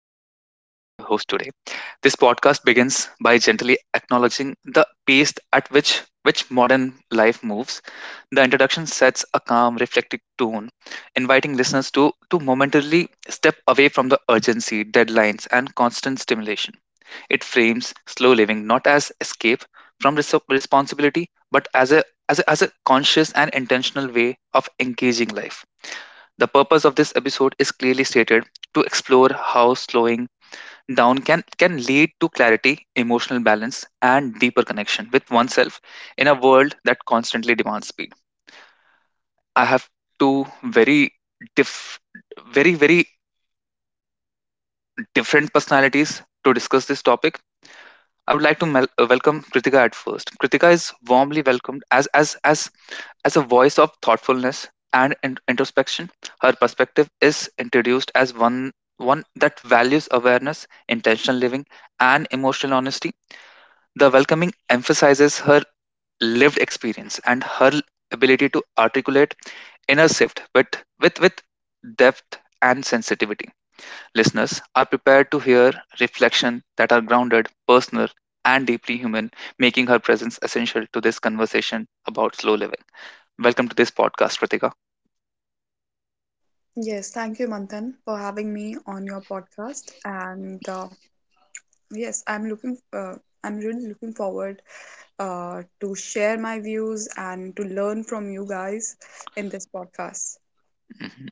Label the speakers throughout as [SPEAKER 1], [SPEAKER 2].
[SPEAKER 1] is Manthan and I'm your host today. This podcast begins by gently acknowledging the pace at which modern life moves. The introduction sets a calm, reflective tone, inviting listeners to momentarily step away from the urgency, deadlines, and constant stimulation. It frames slow living not as escape from responsibility, but as a conscious and intentional way of engaging life. The purpose of this episode is clearly stated to explore how slowing down can lead to clarity, emotional balance, and deeper connection with oneself in a world that constantly demands speed. I have two diff, very different personalities to discuss this topic. I would like to welcome Kritika at first. Kritika is warmly welcomed as a voice of thoughtfulness and introspection, her perspective is introduced as one that values awareness, intentional living, and emotional honesty. The welcoming emphasizes her lived experience and her ability to articulate inner shift with depth and sensitivity. Listeners are prepared to hear reflections that are grounded, personal, and deeply human, making her presence essential to this conversation about slow living. Welcome to this podcast, Kritika.
[SPEAKER 2] Yes, thank you, Manthan, for having me on your podcast. I'm I'm really looking forward to share my views and to learn from you guys in this podcast.
[SPEAKER 1] Mhm.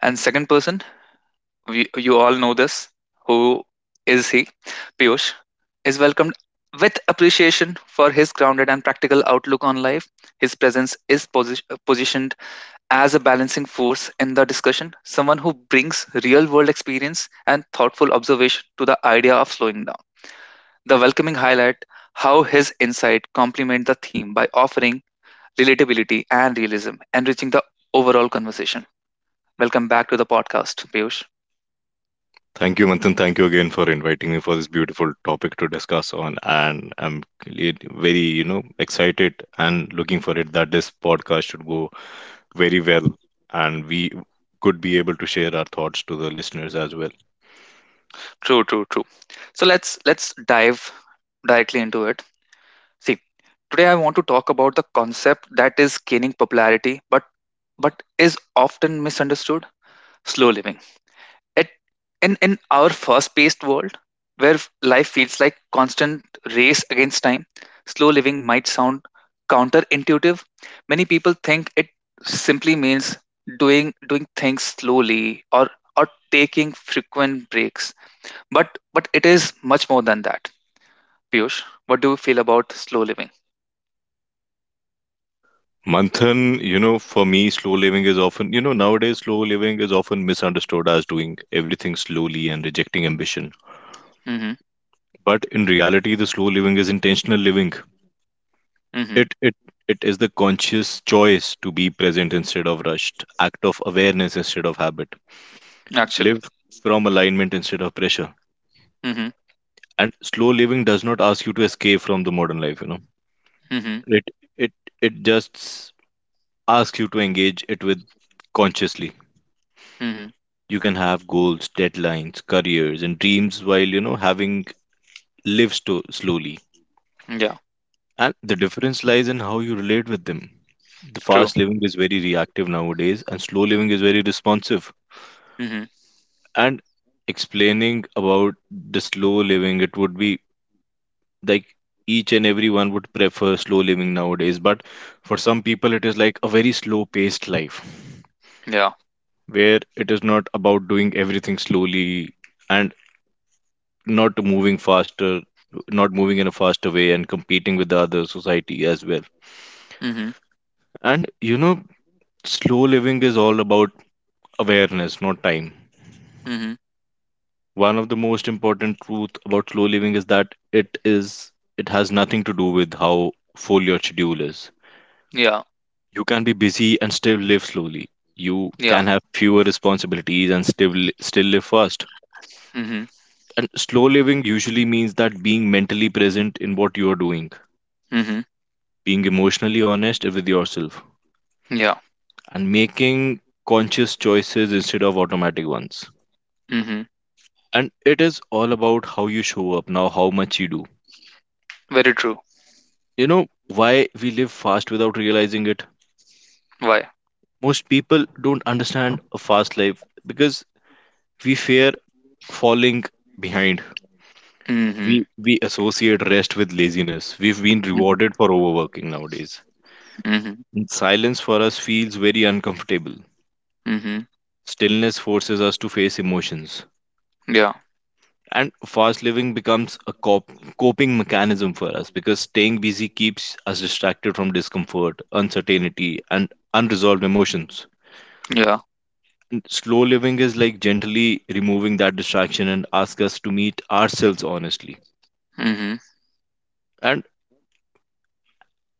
[SPEAKER 1] And second person, we, you all know this. Who is he? Piyush is welcomed with appreciation for his grounded and practical outlook on life. His presence is positioned as a balancing force in the discussion, someone who brings real world experience and thoughtful observation to the idea of slowing down. The welcoming highlight how his insight complement the theme by offering relatability and realism, enriching the overall conversation. Welcome back to the podcast, Piyush.
[SPEAKER 3] Thank you, Manthan. Thank you again for inviting me for this beautiful topic to discuss on. And I'm really- very, excited and looking for it that this podcast should go very well and we could be able to share our thoughts to the listeners as well.
[SPEAKER 1] True, true, true. So let's dive directly into it. See, today I want to talk about the concept that is gaining popularity but is often misunderstood, slow living. At in our fast-paced world, where life feels like constant race against time, slow living might sound counterintuitive. Many people think it simply means doing things slowly or taking frequent breaks. But it is much more than that. Piyush, what do you feel about slow living?
[SPEAKER 3] Manthan, for me, slow living is often, nowadays slow living is often misunderstood as doing everything slowly and rejecting ambition.
[SPEAKER 1] Mm-hmm.
[SPEAKER 3] But in reality, the slow living is intentional living.
[SPEAKER 1] Mm-hmm.
[SPEAKER 3] It it it is the conscious choice to be present instead of rushed, act of awareness instead of habit,
[SPEAKER 1] Actually.
[SPEAKER 3] live from alignment instead of pressure.
[SPEAKER 1] Mm-hmm.
[SPEAKER 3] And slow living does not ask you to escape from the modern life.
[SPEAKER 1] Mm-hmm.
[SPEAKER 3] It it it just asks you to engage it with consciously.
[SPEAKER 1] Mm-hmm.
[SPEAKER 3] You can have goals, deadlines, careers, and dreams while having live sto- slowly.
[SPEAKER 1] Yeah.
[SPEAKER 3] And the difference lies in how you relate with them. The
[SPEAKER 1] True.
[SPEAKER 3] fast living is very reactive nowadays, and slow living is very responsive
[SPEAKER 1] Mm-hmm.
[SPEAKER 3] and explaining about the slow living it would be like each and everyone would prefer slow living nowadays but for some people it is like a very slow paced life
[SPEAKER 1] Yeah.
[SPEAKER 3] where it is not about doing everything slowly and not moving faster not moving in a faster way and competing with the other society as well
[SPEAKER 1] Mm-hmm.
[SPEAKER 3] and slow living is all about awareness not time.
[SPEAKER 1] Mm-hmm.
[SPEAKER 3] One of the most important truth about slow living is that it has nothing to do with how full your schedule is.
[SPEAKER 1] Yeah.
[SPEAKER 3] You can be busy and still live slowly. You
[SPEAKER 1] Yeah.
[SPEAKER 3] can have fewer responsibilities and still live fast.
[SPEAKER 1] Mm-hmm.
[SPEAKER 3] And slow living usually means that being mentally present in what you are doing, being emotionally honest with yourself,
[SPEAKER 1] Yeah.
[SPEAKER 3] and making conscious choices instead of automatic ones.
[SPEAKER 1] Mhm.
[SPEAKER 3] And it is all about how you show up now, how much you do.
[SPEAKER 1] Very true.
[SPEAKER 3] You know why we live fast without realizing it?
[SPEAKER 1] Why?
[SPEAKER 3] Most people don't understand a fast life because we fear falling behind.
[SPEAKER 1] Mhm.
[SPEAKER 3] We associate rest with laziness. We've been
[SPEAKER 1] Mhm.
[SPEAKER 3] rewarded for overworking nowadays.
[SPEAKER 1] Mhm.
[SPEAKER 3] And silence for us feels very uncomfortable.
[SPEAKER 1] Mhm.
[SPEAKER 3] Stillness forces us to face emotions.
[SPEAKER 1] Yeah.
[SPEAKER 3] And fast living becomes a cop- coping mechanism for us because staying busy keeps us distracted from discomfort, uncertainty, and unresolved emotions.
[SPEAKER 1] Yeah.
[SPEAKER 3] Slow living is like gently removing that distraction and ask us to meet ourselves honestly.
[SPEAKER 1] Mhm.
[SPEAKER 3] And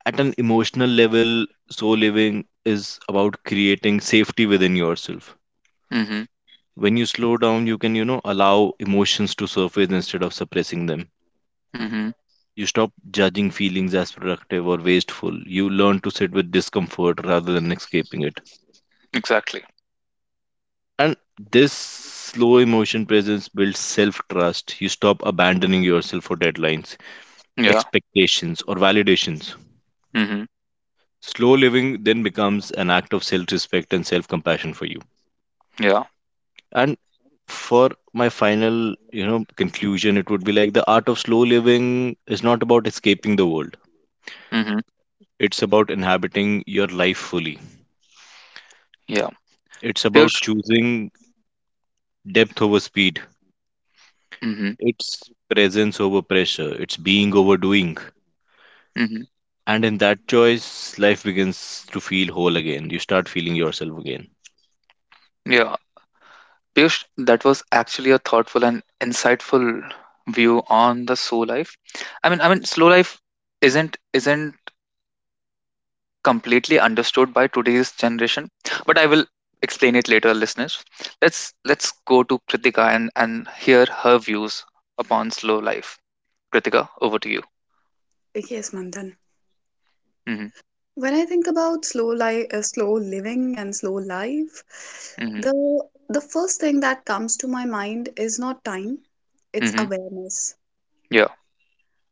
[SPEAKER 3] at an emotional level, slow living is about creating safety within yourself.
[SPEAKER 1] Mhm.
[SPEAKER 3] When you slow down, you can, allow emotions to surface instead of suppressing them.
[SPEAKER 1] Mhm.
[SPEAKER 3] You stop judging feelings as productive or wasteful. You learn to sit with discomfort rather than escaping it.
[SPEAKER 1] Exactly.
[SPEAKER 3] And this slow emotion presence builds self trust. You stop abandoning yourself for deadlines
[SPEAKER 1] Yeah.
[SPEAKER 3] expectations, or validations.
[SPEAKER 1] Mhm.
[SPEAKER 3] Slow living then becomes an act of self respect and self compassion for you.
[SPEAKER 1] Yeah.
[SPEAKER 3] And for my final, conclusion, it would be like the art of slow living is not about escaping the world.
[SPEAKER 1] Mhm.
[SPEAKER 3] It's about inhabiting your life fully.
[SPEAKER 1] Yeah.
[SPEAKER 3] It's about
[SPEAKER 1] Piyush.
[SPEAKER 3] choosing depth over speed.
[SPEAKER 1] Mhm.
[SPEAKER 3] It's presence over pressure. It's being over doing.
[SPEAKER 1] Mhm.
[SPEAKER 3] And in that choice, life begins to feel whole again. You start feeling yourself again.
[SPEAKER 1] Yeah. Piyush, that was actually a thoughtful and insightful view on the slow life. I mean, slow life isn't completely understood by today's generation, but I will explain it later, listeners. Let's go to Kritika and hear her views upon slow life. Kritika, over to you.
[SPEAKER 2] Yes, Manthan.
[SPEAKER 1] Hmm.
[SPEAKER 2] When I think about slow life, slow living and slow life,
[SPEAKER 1] Hmm.
[SPEAKER 2] the the first thing that comes to my mind is not time, it's
[SPEAKER 1] Hmm.
[SPEAKER 2] awareness.
[SPEAKER 1] Yeah.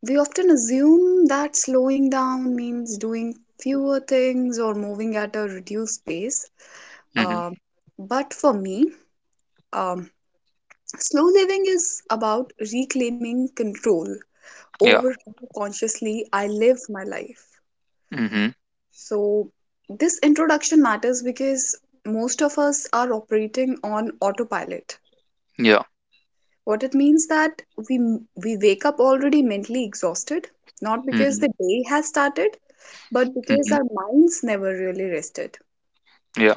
[SPEAKER 2] We often assume that slowing down means doing fewer things or moving at a reduced pace.
[SPEAKER 1] Hmm.
[SPEAKER 2] Um, but for me, um, slow living is about reclaiming control
[SPEAKER 1] Yeah.
[SPEAKER 2] over how consciously I live my life.
[SPEAKER 1] Hmm.
[SPEAKER 2] So, this introduction matters because most of us are operating on autopilot.
[SPEAKER 1] Yeah.
[SPEAKER 2] What it means that we we wake up already mentally exhausted, not because
[SPEAKER 1] Hmm.
[SPEAKER 2] the day has started, but because
[SPEAKER 1] Hmm.
[SPEAKER 2] our minds never really rested.
[SPEAKER 1] Yeah.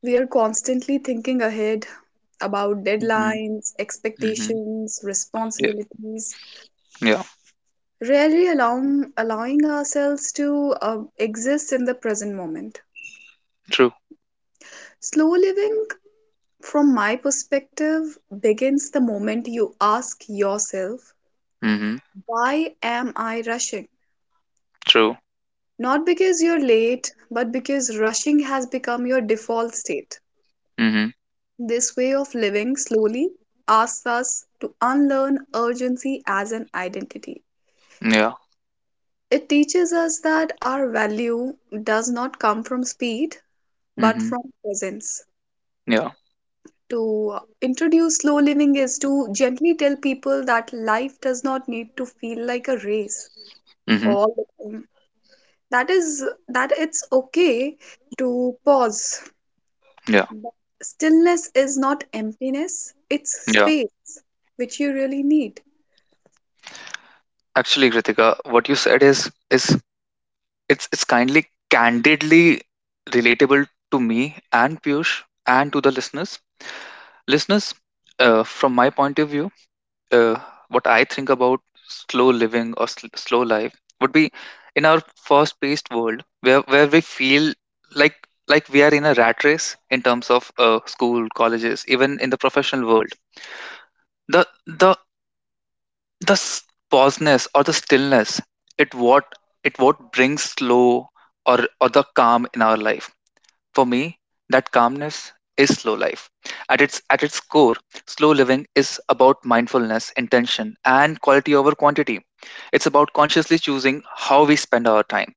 [SPEAKER 2] We are constantly thinking ahead about
[SPEAKER 1] Hmm.
[SPEAKER 2] deadlines,
[SPEAKER 1] Hmm.
[SPEAKER 2] expectations,
[SPEAKER 1] Yeah.
[SPEAKER 2] responsibilities,
[SPEAKER 1] Yeah.
[SPEAKER 2] rarely allowing ourselves to exist in the present moment.
[SPEAKER 1] True.
[SPEAKER 2] Slow living, from my perspective, begins the moment you ask yourself,
[SPEAKER 1] Hmm.
[SPEAKER 2] why am I rushing?
[SPEAKER 1] True.
[SPEAKER 2] Not because you're late, but because rushing has become your default state.
[SPEAKER 1] Hmm.
[SPEAKER 2] This way of living slowly asks us to unlearn urgency as an identity.
[SPEAKER 1] Yeah.
[SPEAKER 2] It teaches us that our value does not come from speed but
[SPEAKER 1] Hmm.
[SPEAKER 2] from presence.
[SPEAKER 1] Yeah.
[SPEAKER 2] To introduce slow living is to gently tell people that life does not need to feel like a race
[SPEAKER 1] Hmm.
[SPEAKER 2] all the time. That is that it's okay to pause.
[SPEAKER 1] Yeah.
[SPEAKER 2] But stillness is not emptiness, it's
[SPEAKER 1] Yeah.
[SPEAKER 2] space which you really need.
[SPEAKER 1] Actually, Kritika, what you said is it's kindly candidly relatable to me and Piyush and to the listeners. Listeners, from my point of view, uh, what I think about slow living or slow life would be in our fast-paced world where we feel like like we are in a rat race in terms of school, colleges, even in the professional world. The the the pauseness or the stillness, it what it what brings slow or the calm in our life. For me, that calmness is slow life. At its core, slow living is about mindfulness, intention, and quality over quantity. It's about consciously choosing how we spend our time,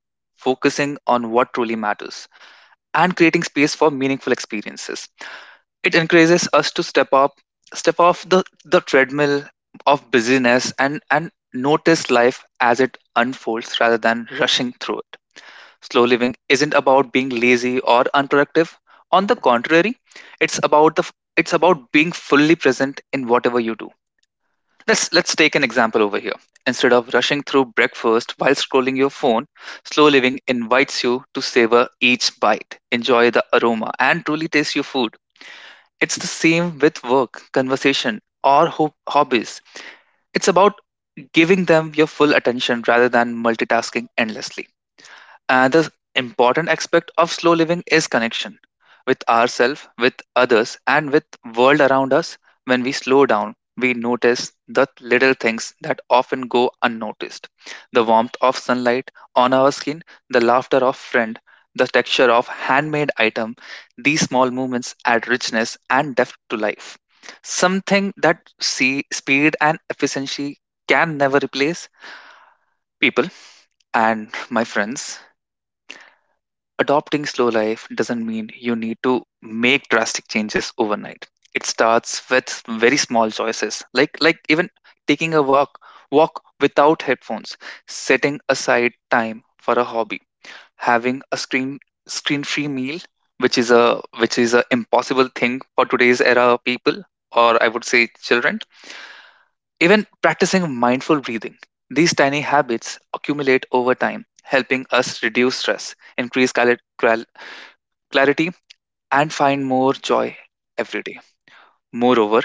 [SPEAKER 1] focusing on what truly matters, and creating space for meaningful experiences. It encourages us to step off the treadmill of busyness and notice life as it unfolds rather than rushing through. Slow living isn't about being lazy or unproductive. On the contrary, it's about the it's about being fully present in whatever you do. Let's take an example over here. Instead of rushing through breakfast while scrolling your phone, slow living invites you to savor each bite, enjoy the aroma and truly taste your food. It's the same with work, conversation or hobbies. It's about giving them your full attention rather than multitasking endlessly. Another important aspect of slow living is connection with ourselves, with others, and with world around us. When we slow down, we notice the little things that often go unnoticed. The warmth of sunlight on our skin, the laughter of friend, the texture of handmade item, these small movements add richness and depth to life. Something that see speed and efficiency can never replace people and my friends. Adopting slow life doesn't mean you need to make drastic changes overnight. It starts with very small choices, like even taking a walk without headphones, setting aside time for a hobby, having a screen-free meal, which is a impossible thing for today's era people, or I would say children. Even practicing mindful breathing. These tiny habits accumulate over time, helping us reduce stress, increase caloric clarity, and find more joy every day. Moreover,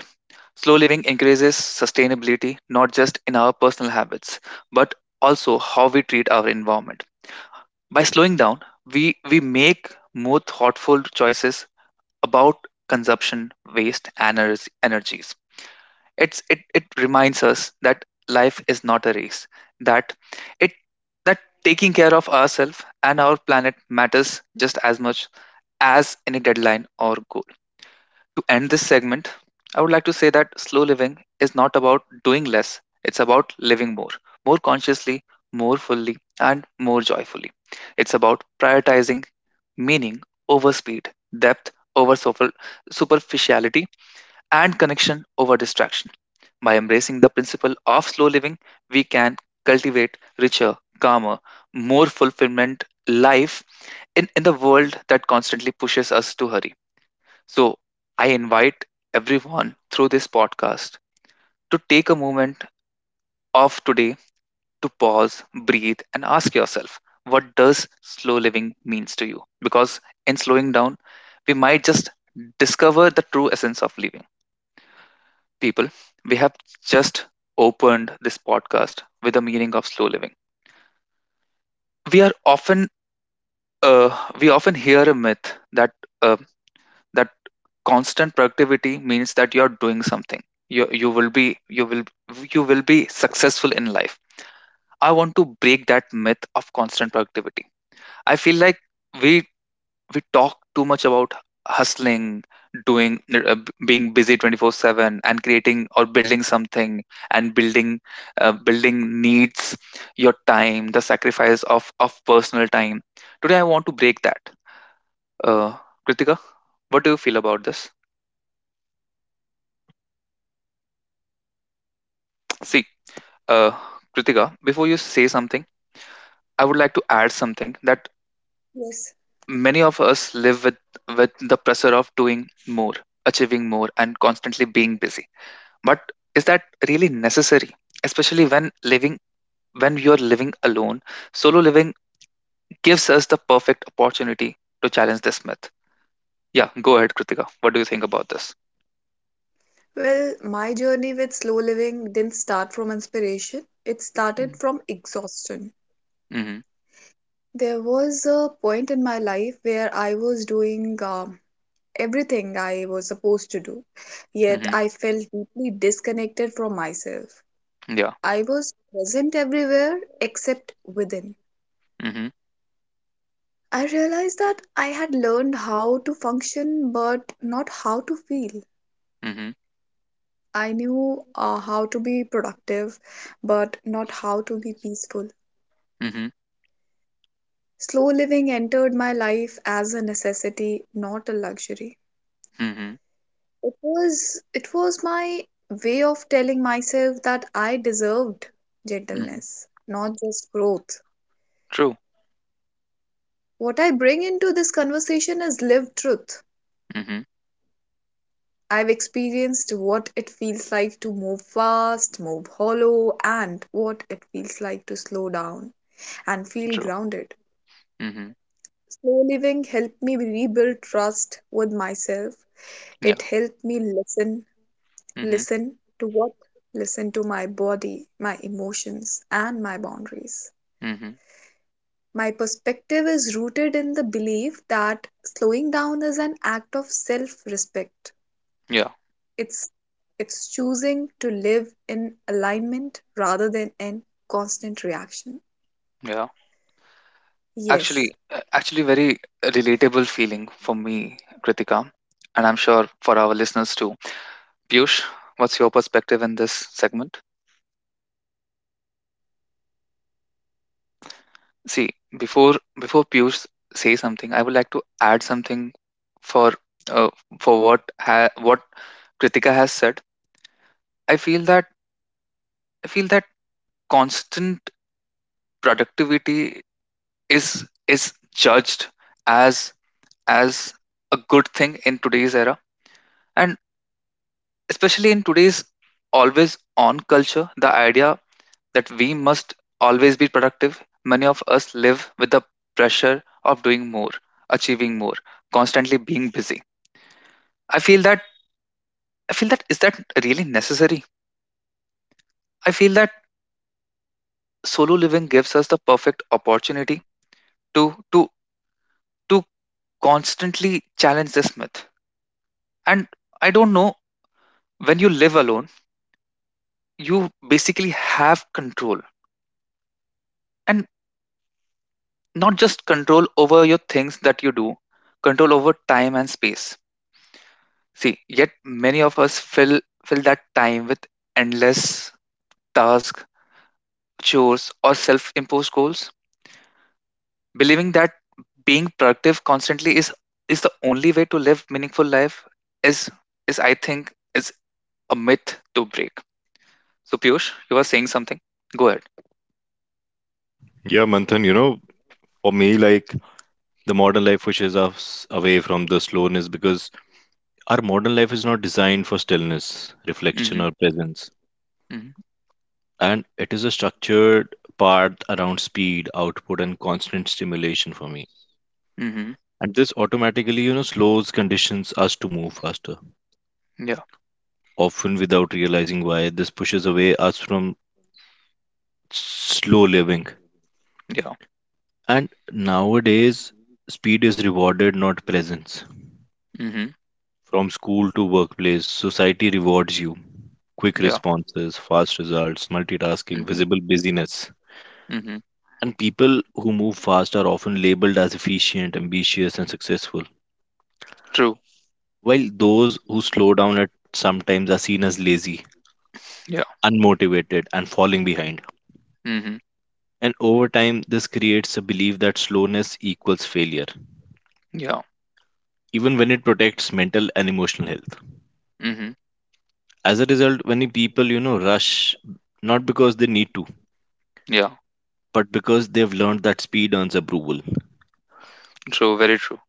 [SPEAKER 1] slow living increases sustainability not just in our personal habits, but also how we treat our environment. By slowing down, we make more thoughtful choices about consumption, waste, and energies. It reminds us that life is not a race, that it that taking care of ourselves and our planet matters just as much as any deadline or goal. To end this segment, I would like to say that slow living is not about doing less, it's about living more, more consciously, more fully, and more joyfully. It's about prioritizing meaning over speed, depth over superficiality, and connection over distraction. By embracing the principle of slow living, we can cultivate richer, calmer, more fulfillment life in the world that constantly pushes us to hurry. So, I invite everyone through this podcast to take a moment of today to pause, breathe, and ask yourself what does slow living means to you? Because in slowing down, we might just discover the true essence of living. People, we have just opened this podcast with the meaning of slow living. We are often we often hear a myth that uh, that constant productivity means that you're doing something, you you will be you will you will be successful in life. I want to break that myth of constant productivity. I feel like we we talk too much about hustling, doing being busy 24/7 and creating or building something, and building needs your time, the sacrifice of personal time. Today I want to break that. uh Kritika, what do you feel about this? See, Uh, Kritika, before you say something, I would like to add something that
[SPEAKER 2] Yes.
[SPEAKER 1] many of us live with the pressure of doing more, achieving more, and constantly being busy. But is that really necessary? Especially when living when you are living alone, solo living gives us the perfect opportunity to challenge this myth. Yeah, go ahead, Kritika. What do you think about this?
[SPEAKER 2] Well, my journey with slow living didn't start from inspiration, it
[SPEAKER 1] Mm-hmm.
[SPEAKER 2] started from exhaustion. There was a point in my life where I was doing everything I was supposed to do, yet
[SPEAKER 1] Mm-hmm.
[SPEAKER 2] I felt deeply disconnected from myself.
[SPEAKER 1] Yeah.
[SPEAKER 2] I was present everywhere except within.
[SPEAKER 1] Mm-hmm.
[SPEAKER 2] I realized that I had learned how to function but not how to feel.
[SPEAKER 1] Mm-hmm.
[SPEAKER 2] I knew how to be productive but not how to be peaceful.
[SPEAKER 1] Mm-hmm.
[SPEAKER 2] Slow living entered my life as a necessity, not a luxury.
[SPEAKER 1] Mm-hmm.
[SPEAKER 2] It was my way of telling myself that I deserved
[SPEAKER 1] Mm-hmm.
[SPEAKER 2] gentleness, not just growth.
[SPEAKER 1] True.
[SPEAKER 2] What I bring into this conversation is lived truth.
[SPEAKER 1] Mm-hmm.
[SPEAKER 2] I've experienced what it feels like to move fast, move hollow, and what it feels like to slow down and feel
[SPEAKER 1] True.
[SPEAKER 2] grounded.
[SPEAKER 1] Mm-hmm.
[SPEAKER 2] Slow living helped me rebuild trust with myself.
[SPEAKER 1] Yeah.
[SPEAKER 2] It helped me listen.
[SPEAKER 1] Mm-hmm.
[SPEAKER 2] Listen to what? Listen to my body, my emotions, and my boundaries.
[SPEAKER 1] Mhm.
[SPEAKER 2] My perspective is rooted in the belief that slowing down is an act of self-respect.
[SPEAKER 1] Yeah,
[SPEAKER 2] It's it's choosing to live in alignment rather than in constant reaction.
[SPEAKER 1] yeah.
[SPEAKER 2] Yes.
[SPEAKER 1] Actually, very relatable feeling for me, Kritika, and I'm sure for our listeners too. Piyush, what's your perspective in this segment? See, before Piyush say something, I would like to add something for uh, for what what Kritika has said. I feel that I feel that constant productivity is judged as as a good thing in today's era. And especially in today's always on culture, the idea that we must always be productive, many of us live with the pressure of doing more, achieving more, constantly being busy. I feel that I feel that is that really necessary? I feel that solo living gives us the perfect opportunity to to to constantly challenge this myth. And I don't know, when you live alone, you basically have control. And not just control over your things that you do, control over time and space. See, yet many of us fill that time with endless tasks, chores or self-imposed goals, believing that being productive constantly is, the only way to live meaningful life is is I think is a myth to break. So, Piyush, you were saying something, go ahead.
[SPEAKER 3] Yeah, Manthan, for me, like the modern life pushes us away from the slowness because our modern life is not designed for stillness, reflection,
[SPEAKER 1] Mm-hmm.
[SPEAKER 3] or presence.
[SPEAKER 1] Mm-hmm.
[SPEAKER 3] And it is a structured part around speed, output, and constant stimulation for me.
[SPEAKER 1] Mm-hmm.
[SPEAKER 3] And this automatically, slows conditions us to move faster.
[SPEAKER 1] Yeah.
[SPEAKER 3] Often without realizing why. This pushes away us from slow living.
[SPEAKER 1] Yeah.
[SPEAKER 3] And nowadays, speed is rewarded, not presence.
[SPEAKER 1] Mm-hmm.
[SPEAKER 3] From school to workplace, society rewards you. Quick
[SPEAKER 1] Yeah.
[SPEAKER 3] responses, fast results, multitasking,
[SPEAKER 1] Mm-hmm.
[SPEAKER 3] visible busyness.
[SPEAKER 1] Mm-hmm.
[SPEAKER 3] And people who move fast are often labeled as efficient, ambitious, and successful,
[SPEAKER 1] True.
[SPEAKER 3] while those who slow down at sometimes are seen as lazy,
[SPEAKER 1] Yeah.
[SPEAKER 3] unmotivated, and falling behind.
[SPEAKER 1] Mm-hmm.
[SPEAKER 3] And over time, this creates a belief that slowness equals failure,
[SPEAKER 1] Yeah.
[SPEAKER 3] even when it protects mental and emotional health.
[SPEAKER 1] Mhm.
[SPEAKER 3] As a result, many people, rush not because they need to,
[SPEAKER 1] Yeah.
[SPEAKER 3] but because they've learned that speed earns approval.
[SPEAKER 1] True. Very true.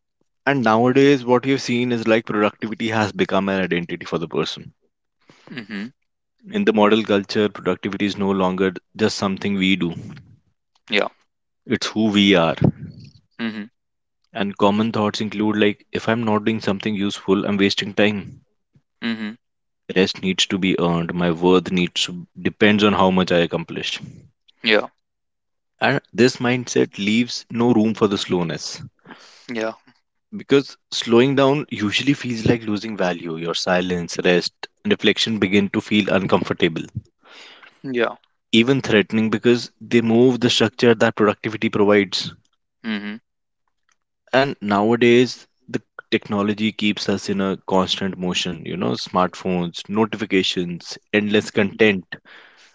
[SPEAKER 3] And nowadays, what you've seen is like productivity has become an identity for the person.
[SPEAKER 1] Mhm.
[SPEAKER 3] In the model culture, productivity is no longer just something we do,
[SPEAKER 1] Yeah.
[SPEAKER 3] it's who we are.
[SPEAKER 1] Mhm.
[SPEAKER 3] And common thoughts include like, if I'm not doing something useful, I'm wasting time.
[SPEAKER 1] Mhm.
[SPEAKER 3] Rest needs to be earned. My worth needs to depends on how much I accomplish,
[SPEAKER 1] Yeah.
[SPEAKER 3] and this mindset leaves no room for the slowness
[SPEAKER 1] Yeah.
[SPEAKER 3] because slowing down usually feels like losing value. Your silence, rest, and reflection begin to feel uncomfortable,
[SPEAKER 1] Yeah.
[SPEAKER 3] even threatening because they move the structure that productivity provides.
[SPEAKER 1] Mhm.
[SPEAKER 3] And nowadays the technology keeps us in a constant motion. Smartphones, notifications, endless
[SPEAKER 1] Mhm.
[SPEAKER 3] content.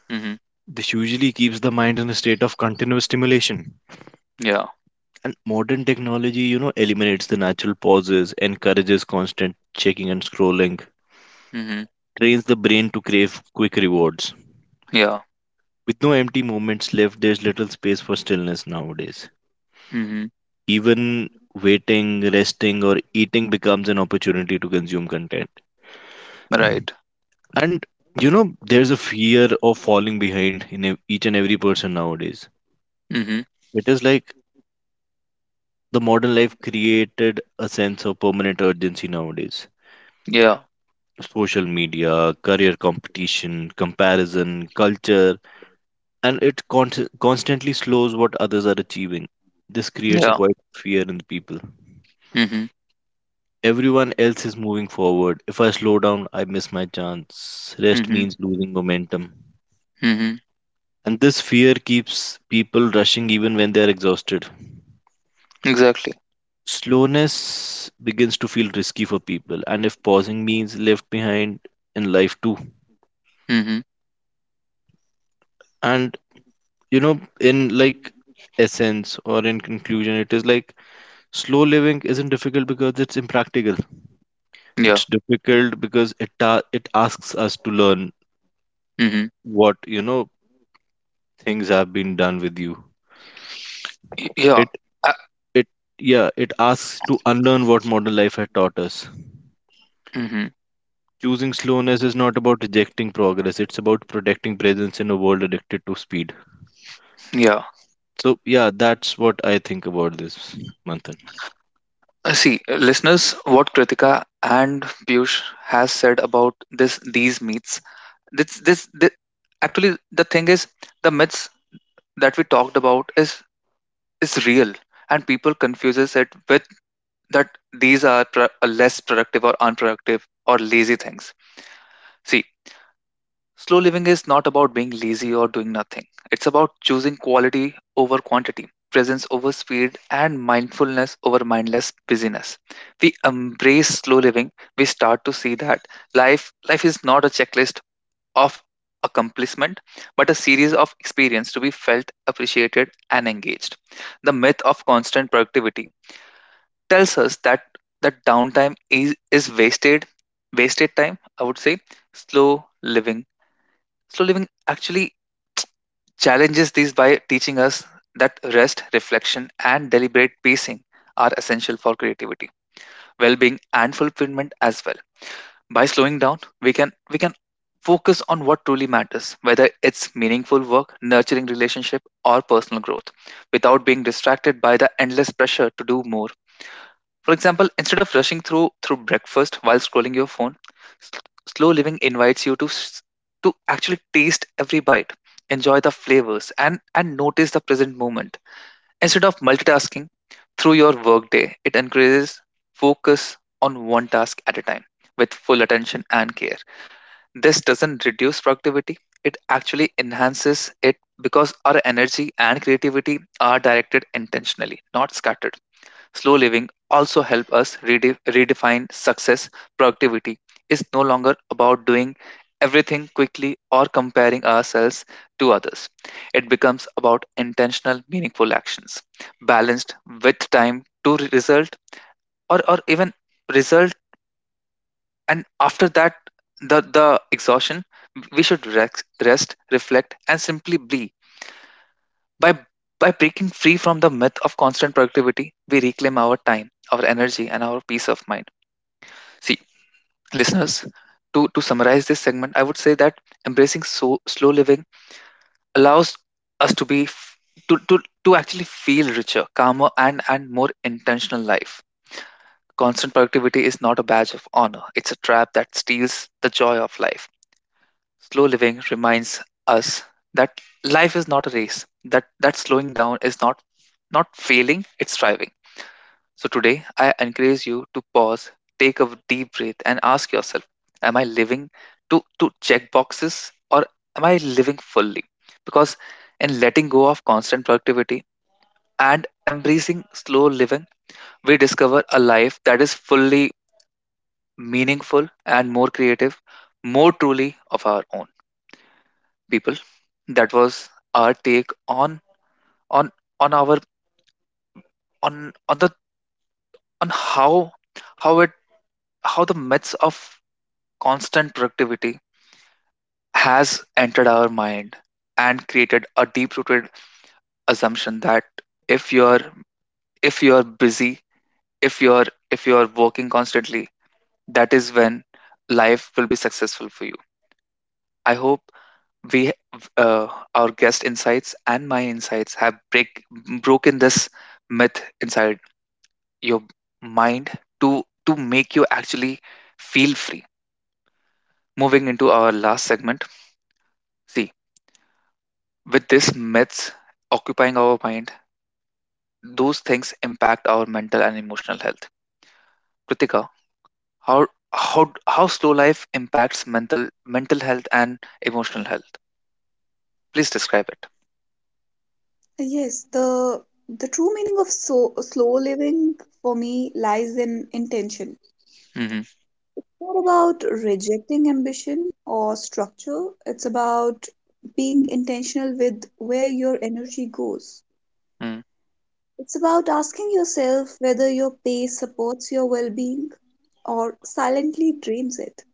[SPEAKER 1] Mhm.
[SPEAKER 3] This usually keeps the mind in a state of continuous stimulation.
[SPEAKER 1] Yeah.
[SPEAKER 3] And modern technology, eliminates the natural pauses, encourages constant checking and scrolling,
[SPEAKER 1] Mhm.
[SPEAKER 3] trains the brain to crave quick rewards.
[SPEAKER 1] Yeah.
[SPEAKER 3] With no empty moments left, there's little space for stillness nowadays.
[SPEAKER 1] Mhm.
[SPEAKER 3] Even waiting, resting, or eating becomes an opportunity to consume content.
[SPEAKER 1] Right.
[SPEAKER 3] And, there's a fear of falling behind in ev- each and every person nowadays.
[SPEAKER 1] Mhm.
[SPEAKER 3] It is like the modern life created a sense of permanent urgency nowadays.
[SPEAKER 1] Yeah.
[SPEAKER 3] Social media, career competition, comparison, culture, and it con- constantly slows what others are achieving. This creates a
[SPEAKER 1] Yeah.
[SPEAKER 3] quiet fear in the people.
[SPEAKER 1] Mhm.
[SPEAKER 3] Everyone else is moving forward. If I slow down, I miss my chance. Rest
[SPEAKER 1] Mhm.
[SPEAKER 3] means losing momentum.
[SPEAKER 1] Mhm.
[SPEAKER 3] And this fear keeps people rushing even when they are exhausted.
[SPEAKER 1] Exactly.
[SPEAKER 3] Slowness begins to feel risky for people and if pausing means left behind in life too.
[SPEAKER 1] Mhm.
[SPEAKER 3] And in like essence or in conclusion it is like slow living isn't difficult because it's impractical,
[SPEAKER 1] Yeah.
[SPEAKER 3] it's difficult because it ta- it asks us to learn
[SPEAKER 1] Mhm.
[SPEAKER 3] what things have been done with you.
[SPEAKER 1] Y- Yeah.
[SPEAKER 3] it
[SPEAKER 1] Uh,
[SPEAKER 3] it Yeah, it asks to unlearn what modern life had taught us.
[SPEAKER 1] mhm.
[SPEAKER 3] Choosing slowness is not about rejecting progress, it's about protecting presence in a world addicted to speed.
[SPEAKER 1] Yeah.
[SPEAKER 3] So yeah, that's what I think about this, Manthan.
[SPEAKER 1] See, listeners, what Kritika and Piyush has said about this these myths. This, actually the thing is, the myths that we talked about is real, and people confuses it with that these are less productive or unproductive or lazy things. See, slow living is not about being lazy or doing nothing. It's about choosing quality over quantity, presence over speed, and mindfulness over mindless busyness. We embrace slow living, we start to see that life is not a checklist of accomplishment, but a series of experience to be felt, appreciated, and engaged. The myth of constant productivity tells us that downtime is wasted, wasted time, I would say. Slow living slow living actually challenges these by teaching us that rest, reflection, and deliberate pacing are essential for creativity, well-being, and fulfillment as well. By slowing down, we can focus on what truly matters, whether it's meaningful work, nurturing relationship, or personal growth, without being distracted by the endless pressure to do more. For example, instead of rushing through breakfast while scrolling your phone, s- slow living invites you to actually taste every bite, enjoy the flavors, and notice the present moment. Instead of multitasking through your workday, it encourages focus on one task at a time with full attention and care. This doesn't reduce productivity; it actually enhances it, because our energy and creativity are directed intentionally, not scattered. Slow living also help us redefine success. Productivity is no longer about doing everything quickly or comparing ourselves to others. It becomes about intentional, meaningful actions, balanced with time to result or even result. And after that, the exhaustion, we should rest, reflect, and simply be. By by breaking free from the myth of constant productivity, we reclaim our time, our energy, and our peace of mind. See, listeners, to summarize this segment, I would say that embracing slow living allows us to be f- to actually feel richer, calmer, and more intentional life. Constant productivity is not a badge of honor. It's a trap that steals the joy of life. Slow living reminds us that life is not a race, that slowing down is not failing, it's thriving. So today, I encourage you to pause, take a deep breath, and ask yourself, am I living to check boxes, or am I living fully? Because in letting go of constant productivity and embracing slow living, we discover a life that is fully meaningful and more creative, more truly of our own, people. That was our take on on our on the on how it how the myths of constant productivity has entered our mind and created a deep-rooted assumption that if you're if you're busy, if you're working constantly, that is when life will be successful for you. I hope we uh, our guest insights and my insights have break broken this myth inside your mind to make you actually feel free. Moving into our last segment, see, with these myths occupying our mind, those things impact our mental and emotional health. Kritika, how how slow life impacts mental mental health and emotional health? Please describe it.
[SPEAKER 2] Yes, the true meaning of slow living for me lies in intention.
[SPEAKER 1] Mm-hmm.
[SPEAKER 2] Not about rejecting ambition or structure. It's about being intentional with where your energy goes.
[SPEAKER 1] Mm,
[SPEAKER 2] It's about asking yourself whether your pace supports your well being or silently drains it.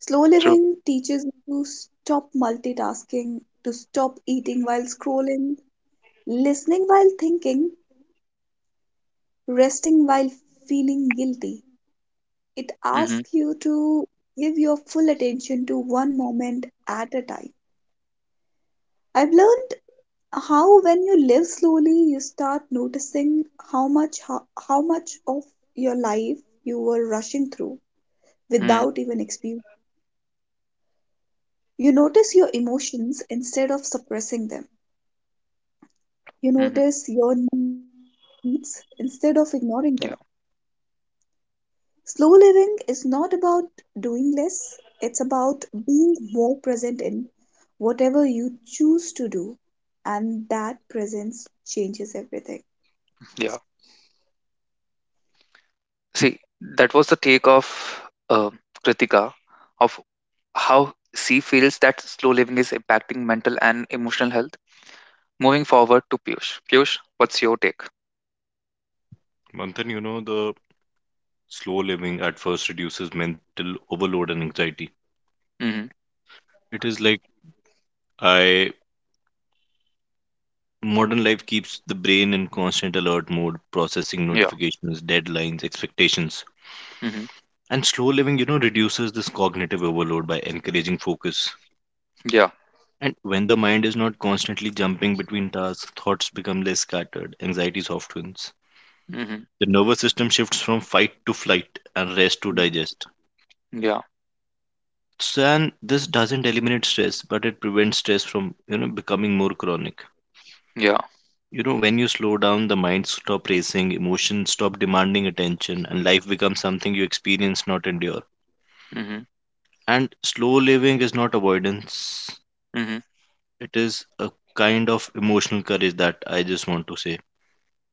[SPEAKER 2] Slow
[SPEAKER 1] true.
[SPEAKER 2] living teaches you to stop multitasking, to stop eating while scrolling, listening while thinking, resting while feeling guilty. It
[SPEAKER 1] Mm-hmm.
[SPEAKER 2] asks you to give your full attention to one moment at a time. I've learned how when you live slowly, you start noticing how much how, how much of your life you were rushing through
[SPEAKER 1] Mm,
[SPEAKER 2] without even experiencing. You notice your emotions instead of suppressing them. You
[SPEAKER 1] hmm.
[SPEAKER 2] notice your needs instead of ignoring them.
[SPEAKER 1] Yeah.
[SPEAKER 2] Slow living is not about doing less, it's about being more present in whatever you choose to do, and that presence changes everything.
[SPEAKER 1] Yeah. See, that was the take of uh, Kritika, of how she feels that slow living is impacting mental and emotional health. Moving forward to Piyush. Piyush, what's your take?
[SPEAKER 3] Manthan, the slow living at first reduces mental overload and anxiety.
[SPEAKER 1] Mm-hmm.
[SPEAKER 3] It is like I modern life keeps the brain in constant alert mode, processing
[SPEAKER 1] Yeah.
[SPEAKER 3] notifications, deadlines, expectations.
[SPEAKER 1] Mm-hmm.
[SPEAKER 3] And slow living, reduces this cognitive overload by encouraging focus. And when the mind is not constantly jumping between tasks, thoughts become less scattered, anxiety softens.
[SPEAKER 1] Mhm.
[SPEAKER 3] The nervous system shifts from fight to flight and rest to
[SPEAKER 1] Mhm.
[SPEAKER 3] digest.
[SPEAKER 1] Yeah.
[SPEAKER 3] So, and this doesn't eliminate stress, but it prevents stress from, becoming more chronic.
[SPEAKER 1] Yeah.
[SPEAKER 3] You know, when you slow down, the mind stop racing, emotions stop demanding attention, and life becomes something you experience, not endure.
[SPEAKER 1] Mhm.
[SPEAKER 3] And slow living is not avoidance.
[SPEAKER 1] Mhm.
[SPEAKER 3] It is a kind of emotional courage that I just want to say.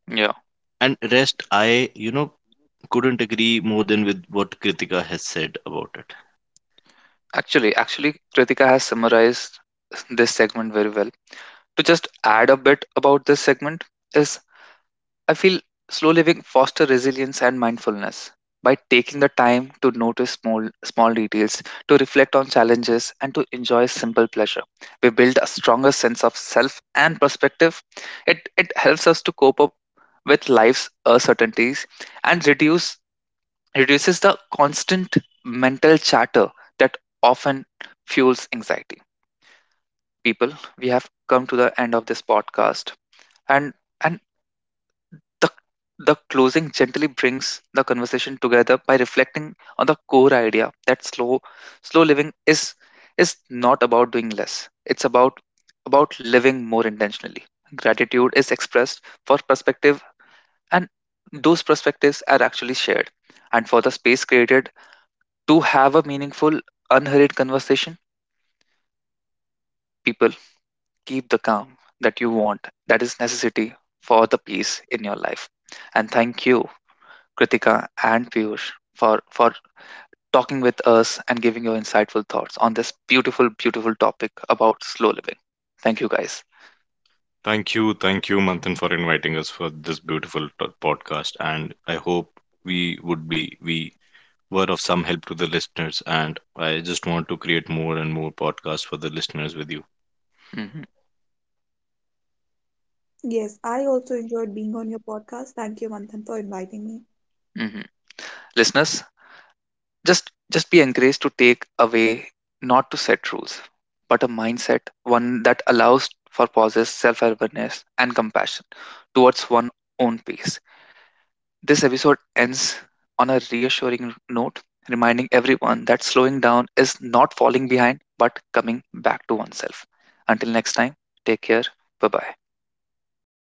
[SPEAKER 1] Yeah.
[SPEAKER 3] And rest, I, couldn't agree more than with what Kritika has said about it.
[SPEAKER 1] Actually, actually, Kritika has summarized this segment very well. To just add a bit about this segment is, I feel slow living foster resilience and mindfulness by taking the time to notice small details, to reflect on challenges, and to enjoy simple pleasure. We build a stronger sense of self and perspective. It helps us to cope up with life's uncertainties and reduces the constant mental chatter that often fuels anxiety. People, we have come to the end of this podcast, and and the the closing gently brings the conversation together by reflecting on the core idea that slow living is not about doing less. It's about living more intentionally. Gratitude is expressed for perspective, and those perspectives are actually shared, and for the space created to have a meaningful, unhurried conversation. People, keep the calm that you want. That is necessity for the peace in your life. And thank you, Kritika and Piyush, for talking with us and giving your insightful thoughts on this beautiful, beautiful topic about slow living. Thank you, guys.
[SPEAKER 3] Thank you, Manthan, for inviting us for this beautiful t- podcast. And I hope we were of some help to the listeners. And I just want to create more and more podcasts for the listeners with you.
[SPEAKER 1] Hmm.
[SPEAKER 2] Yes, I also enjoyed being on your podcast. Thank you, Manthan, for inviting me.
[SPEAKER 1] Hmm. Listeners, just be encouraged to take away not to set rules, but a mindset, one that allows for pauses, self-awareness, and compassion towards one own pace. This episode ends on a reassuring note, reminding everyone that slowing down is not falling behind, but coming back to oneself. Until next time, take care. Bye bye.